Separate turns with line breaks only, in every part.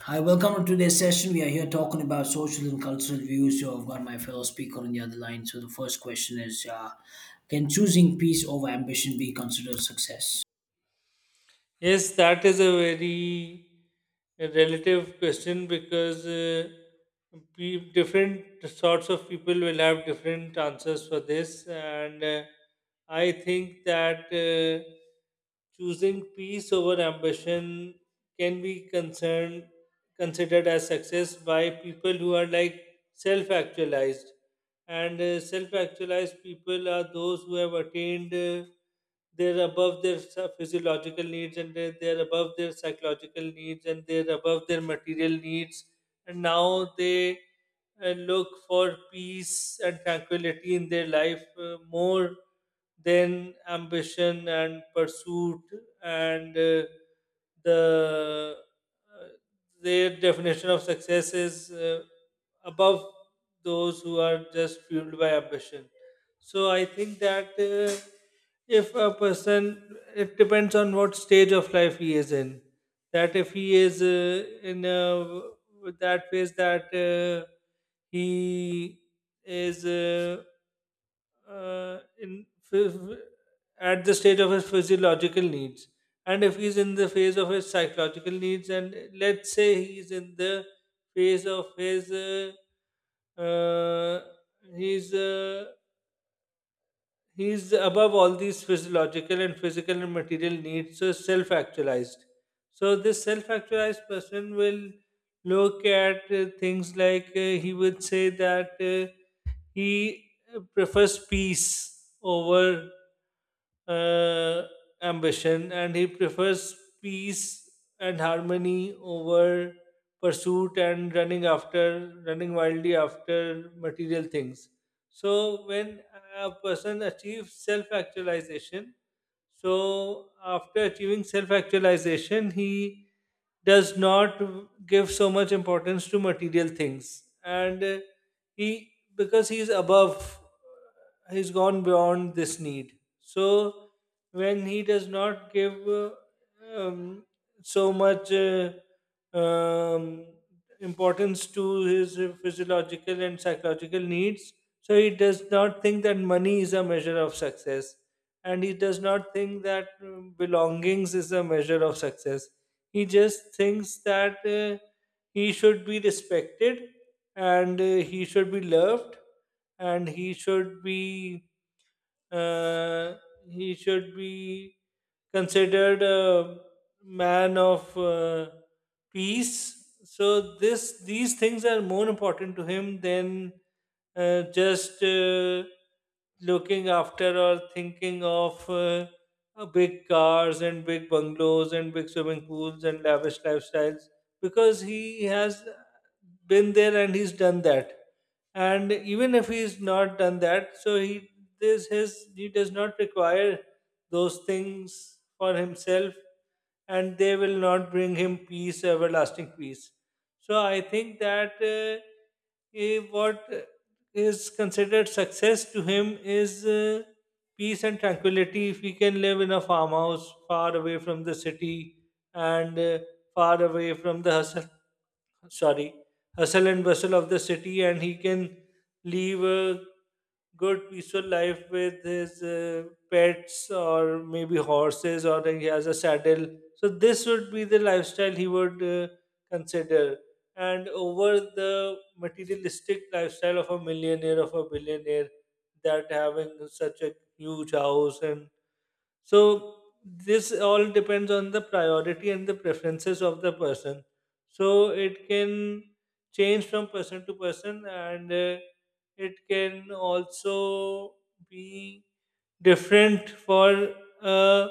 Hi, welcome to today's session. We are here talking about social and cultural views. So, I've got my fellow speaker on the other line. So, the first question is can choosing peace over ambition be considered success?
Yes, that is a very relative question because different sorts of people will have different answers for this. And I think that choosing peace over ambition can be concerned considered as success by people who are like self-actualized. And self-actualized people are those who have attained, they're above their physiological needs, and they're above their psychological needs, and they're above their material needs. And now they look for peace and tranquility in their life, more than ambition and pursuit. And the uh, their definition of success is above those who are just fueled by ambition. So I think that if a person, it depends on what stage of life he is in. That if he is in a, that phase that he is. Uh, in phy- at the stage of his physiological needs, and if he's in the phase of his psychological needs, and let's say he's in the phase of his, uh, he's uh, he's above all these physiological and physical and material needs, so self-actualized. So this self-actualized person will look at things like, he would say that he prefers peace over, uh, ambition, and he prefers peace and harmony over pursuit and running wildly after material things. So, when a person achieves self actualization, so after achieving self actualization, he does not give so much importance to material things. And he, because he's above, he's gone beyond this need. So when he does not give um, so much um, importance to his physiological and psychological needs, so he does not think that money is a measure of success, and he does not think that belongings is a measure of success. He just thinks that he should be respected, and he should be loved, and he should be uh, he should be considered a man of peace. So this these things are more important to him than just looking after or thinking of. Big cars and big bungalows and big swimming pools and lavish lifestyles, because he has been there and he's done that. And even if he's not done that, so he this his he does not require those things for himself, and they will not bring him peace, everlasting peace. So I think that what is considered success to him is peace and tranquility. If we can live in a farmhouse far away from the city, and far away from the sorry hustle and bustle of the city, and he can live a good peaceful life with his pets, or maybe horses, or he has a saddle. So this would be the lifestyle he would consider, and over the materialistic lifestyle of a millionaire, of a billionaire, that having such a huge house. And so this all depends on the priority and the preferences of the person, so it can change from person to person. And it can also be different for a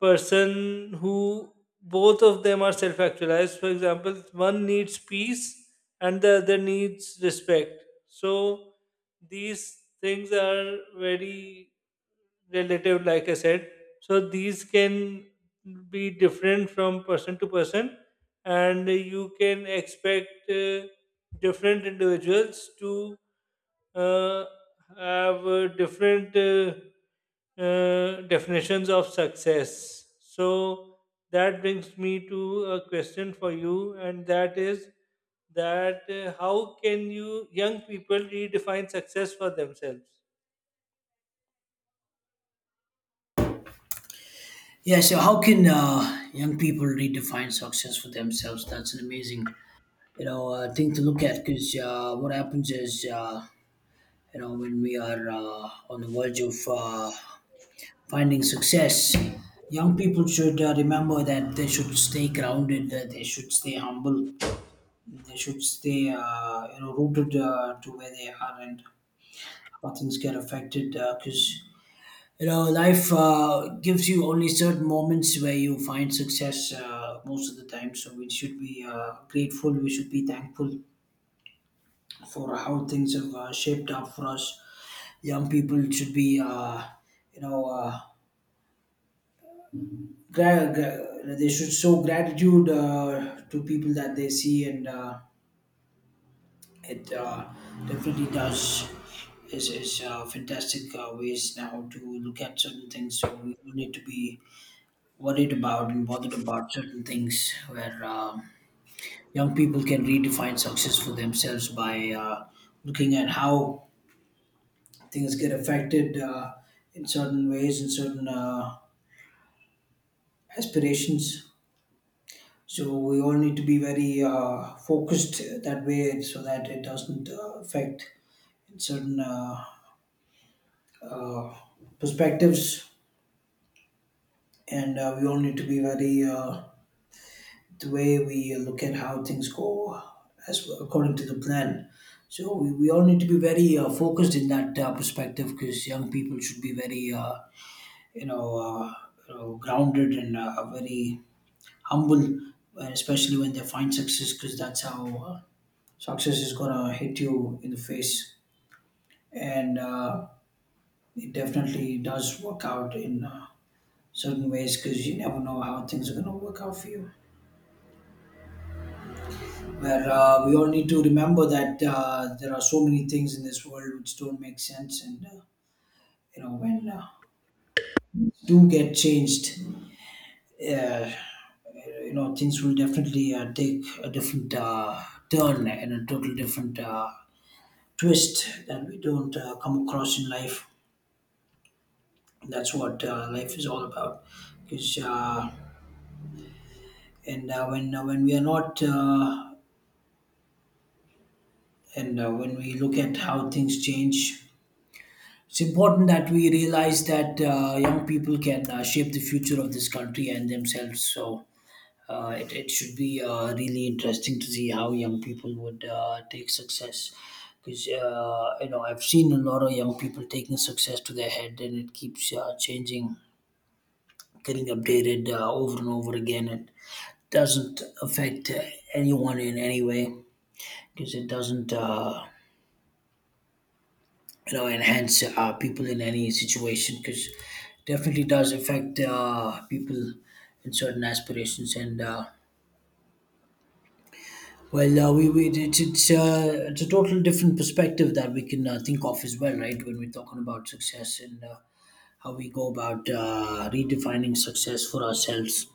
person who, both of them are self actualized. For example, one needs peace and the other needs respect. So these things are very relative, like I said. So these can be different from person to person, and you can expect different individuals to uh, have different definitions of success. So that brings me to a question for you, and that is that how can you young people redefine success for themselves?
Yeah, so how can young people redefine success for themselves? That's an amazing, you know, thing to look at because what happens is, you know, when we are on the verge of finding success, young people should remember that they should stay grounded, that they should stay humble. They should stay, you know, rooted to where they are and how things get affected. Because you know, life gives you only certain moments where you find success most of the time. So we should be grateful. We should be thankful for how things have shaped up for us. Young people should be, you know. Uh, they should show gratitude to people that they see and It definitely does. Is Fantastic ways now to look at certain things. So we don't need to be worried about and bothered about certain things. Where young people can redefine success for themselves by looking at how things get affected in certain ways and certain aspirations. So we all need to be very focused that way, so that it doesn't affect in certain uh, perspectives, and we all need to be very the way we look at how things go as well, according to the plan. So we all need to be very focused in that perspective because young people should be very you know uh, you know, grounded and very humble, and especially when they find success because that's how success is gonna hit you in the face and it definitely does work out in certain ways because you never know how things are going to work out for you. Where we all need to remember that there are so many things in this world which don't make sense, and you know when do get changed, uh, you know things will definitely take a different turn and a total different twist that we don't come across in life. That's what life is all about. Because and when we are not and when we look at how things change, it's important that we realize that young people can shape the future of this country and themselves. So it should be really interesting to see how young people would take success. Because you know, I've seen a lot of young people taking success to their head, and it keeps changing, getting updated over and over again. It doesn't affect anyone in any way because it doesn't you know enhance people in any situation because definitely does affect people in certain aspirations and well we it's it's a total different perspective that we can think of as well, right? When we're talking about success and how we go about redefining success for ourselves,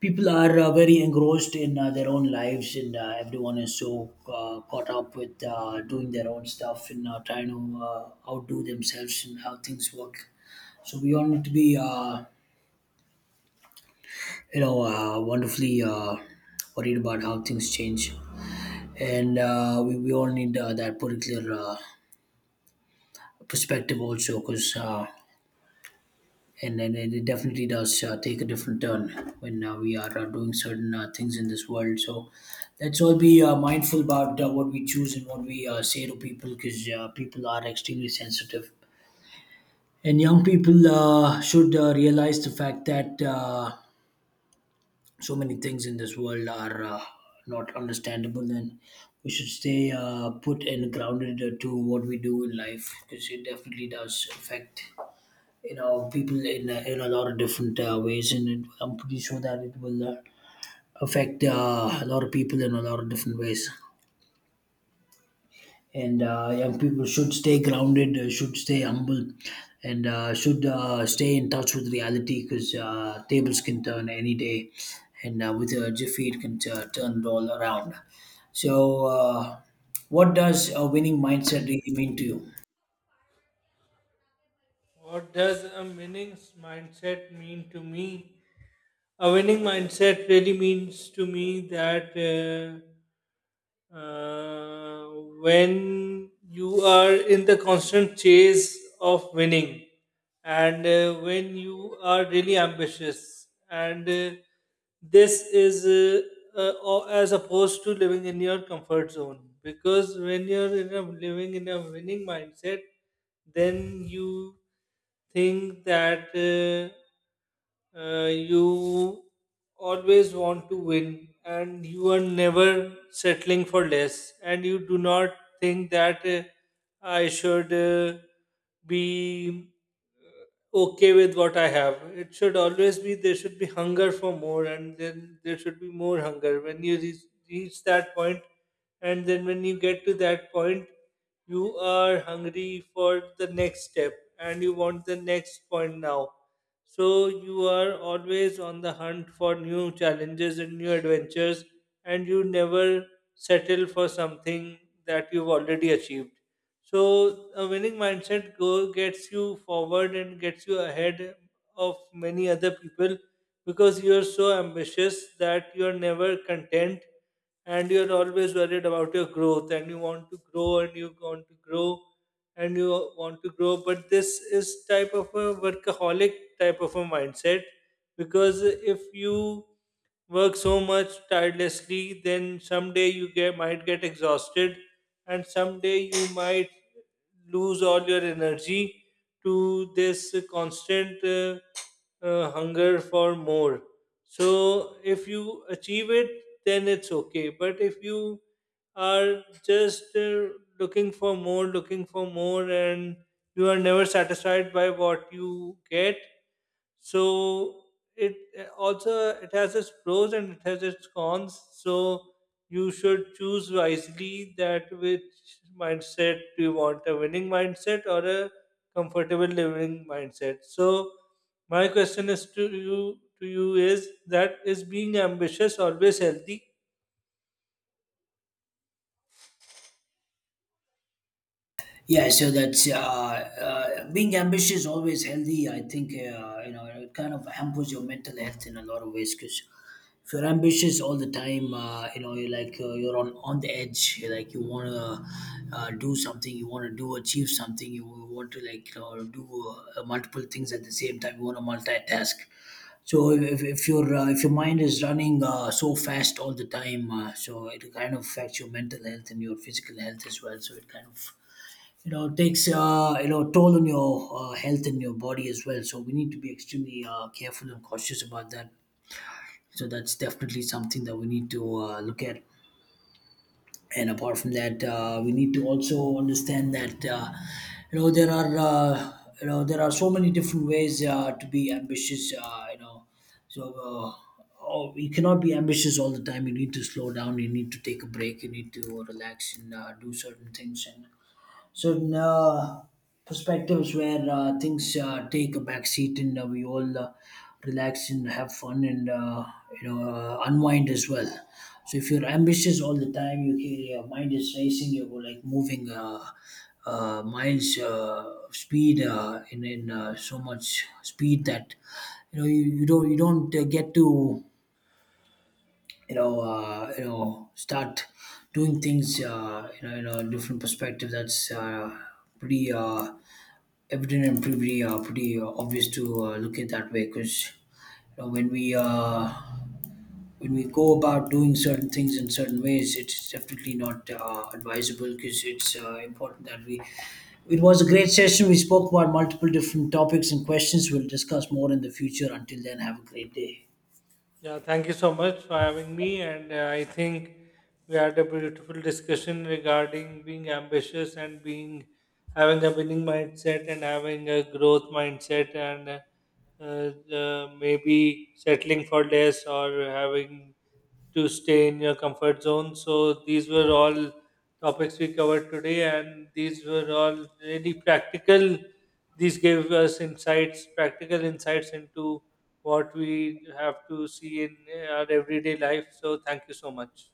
people are very engrossed in their own lives and everyone is so caught up with doing their own stuff and trying to outdo themselves and how things work. So we all need to be, you know, wonderfully worried about how things change, and we all need that particular perspective also, because and then it definitely does take a different turn when we are doing certain things in this world. So let's all be mindful about what we choose and what we say to people, because people are extremely sensitive. And young people should realize the fact that so many things in this world are not understandable, and we should stay put and grounded to what we do in life because it definitely does affect you know people in a lot of different ways, and it, I'm pretty sure that it will affect a lot of people in a lot of different ways. And young people should stay grounded, should stay humble, and should stay in touch with reality because tables can turn any day, and with a jiffy, it can turn it all around. So, what does a winning mindset really mean to you?
What does a winning mindset mean to me? A winning mindset really means to me that when you are in the constant chase of winning, and when you are really ambitious, and this is as opposed to living in your comfort zone. Because when you're in a, living in a winning mindset, then you think that. You always want to win, and you are never settling for less. And you do not think that I should be okay with what I have. It should always be, there should be hunger for more, and then there should be more hunger. When you reach that point, and then when you get to that point, you are hungry for the next step and you want the next point now. So you are always on the hunt for new challenges and new adventures, and you never settle for something that you've already achieved. So a winning mindset go gets you forward and gets you ahead of many other people, because you're so ambitious that you're never content, and you're always worried about your growth, and you want to grow and you want to grow and you want to grow. But this is type of a workaholic type of a mindset, because if you work so much tirelessly, then someday you get might get exhausted, and someday you might lose all your energy to this constant hunger for more. So if you achieve it, then it's okay. But if you are just looking for more, and you are never satisfied by what you get. So it also, it has its pros and it has its cons. So you should choose wisely that which mindset do you want, a winning mindset or a comfortable living mindset? So my question is to you is that, is being ambitious always healthy?
Yeah, so that's being ambitious, always healthy. I think you know it kind of hampers your mental health in a lot of ways because if you're ambitious all the time you know you're like you're on the edge, you're like you want to do something, you want to do achieve something, you want to like you know do multiple things at the same time, you want to multitask. So if your if your mind is running so fast all the time, so it kind of affects your mental health and your physical health as well, so it kind of you know takes you know toll on your health and your body as well, so we need to be extremely careful and cautious about that, so that's definitely something that we need to look at. And apart from that, we need to also understand that you know there are so many different ways to be ambitious. So uh, oh, you cannot be ambitious all the time. You need to slow down. You need to take a break. You need to relax and do certain things and certain perspectives where things take a back seat and we all relax and have fun and you know unwind as well. So if you're ambitious all the time you, your mind is racing, you're like moving miles of speed in so much speed that you know you don't get to you know start doing things you know in a different perspective, that's pretty evident and pretty pretty obvious to look at that way because you know, when we go about doing certain things in certain ways, it's definitely not advisable because it's important that we. It was a great session. We spoke about multiple different topics and questions. We'll discuss more in the future. Until then, have a great day.
Yeah, thank you so much for having me. And I think we had a beautiful discussion regarding being ambitious and being having a winning mindset and having a growth mindset, and maybe settling for less or having to stay in your comfort zone. So these were all topics we covered today, and these were all really practical. These gave us practical insights into what we have to see in our everyday life. So thank you so much.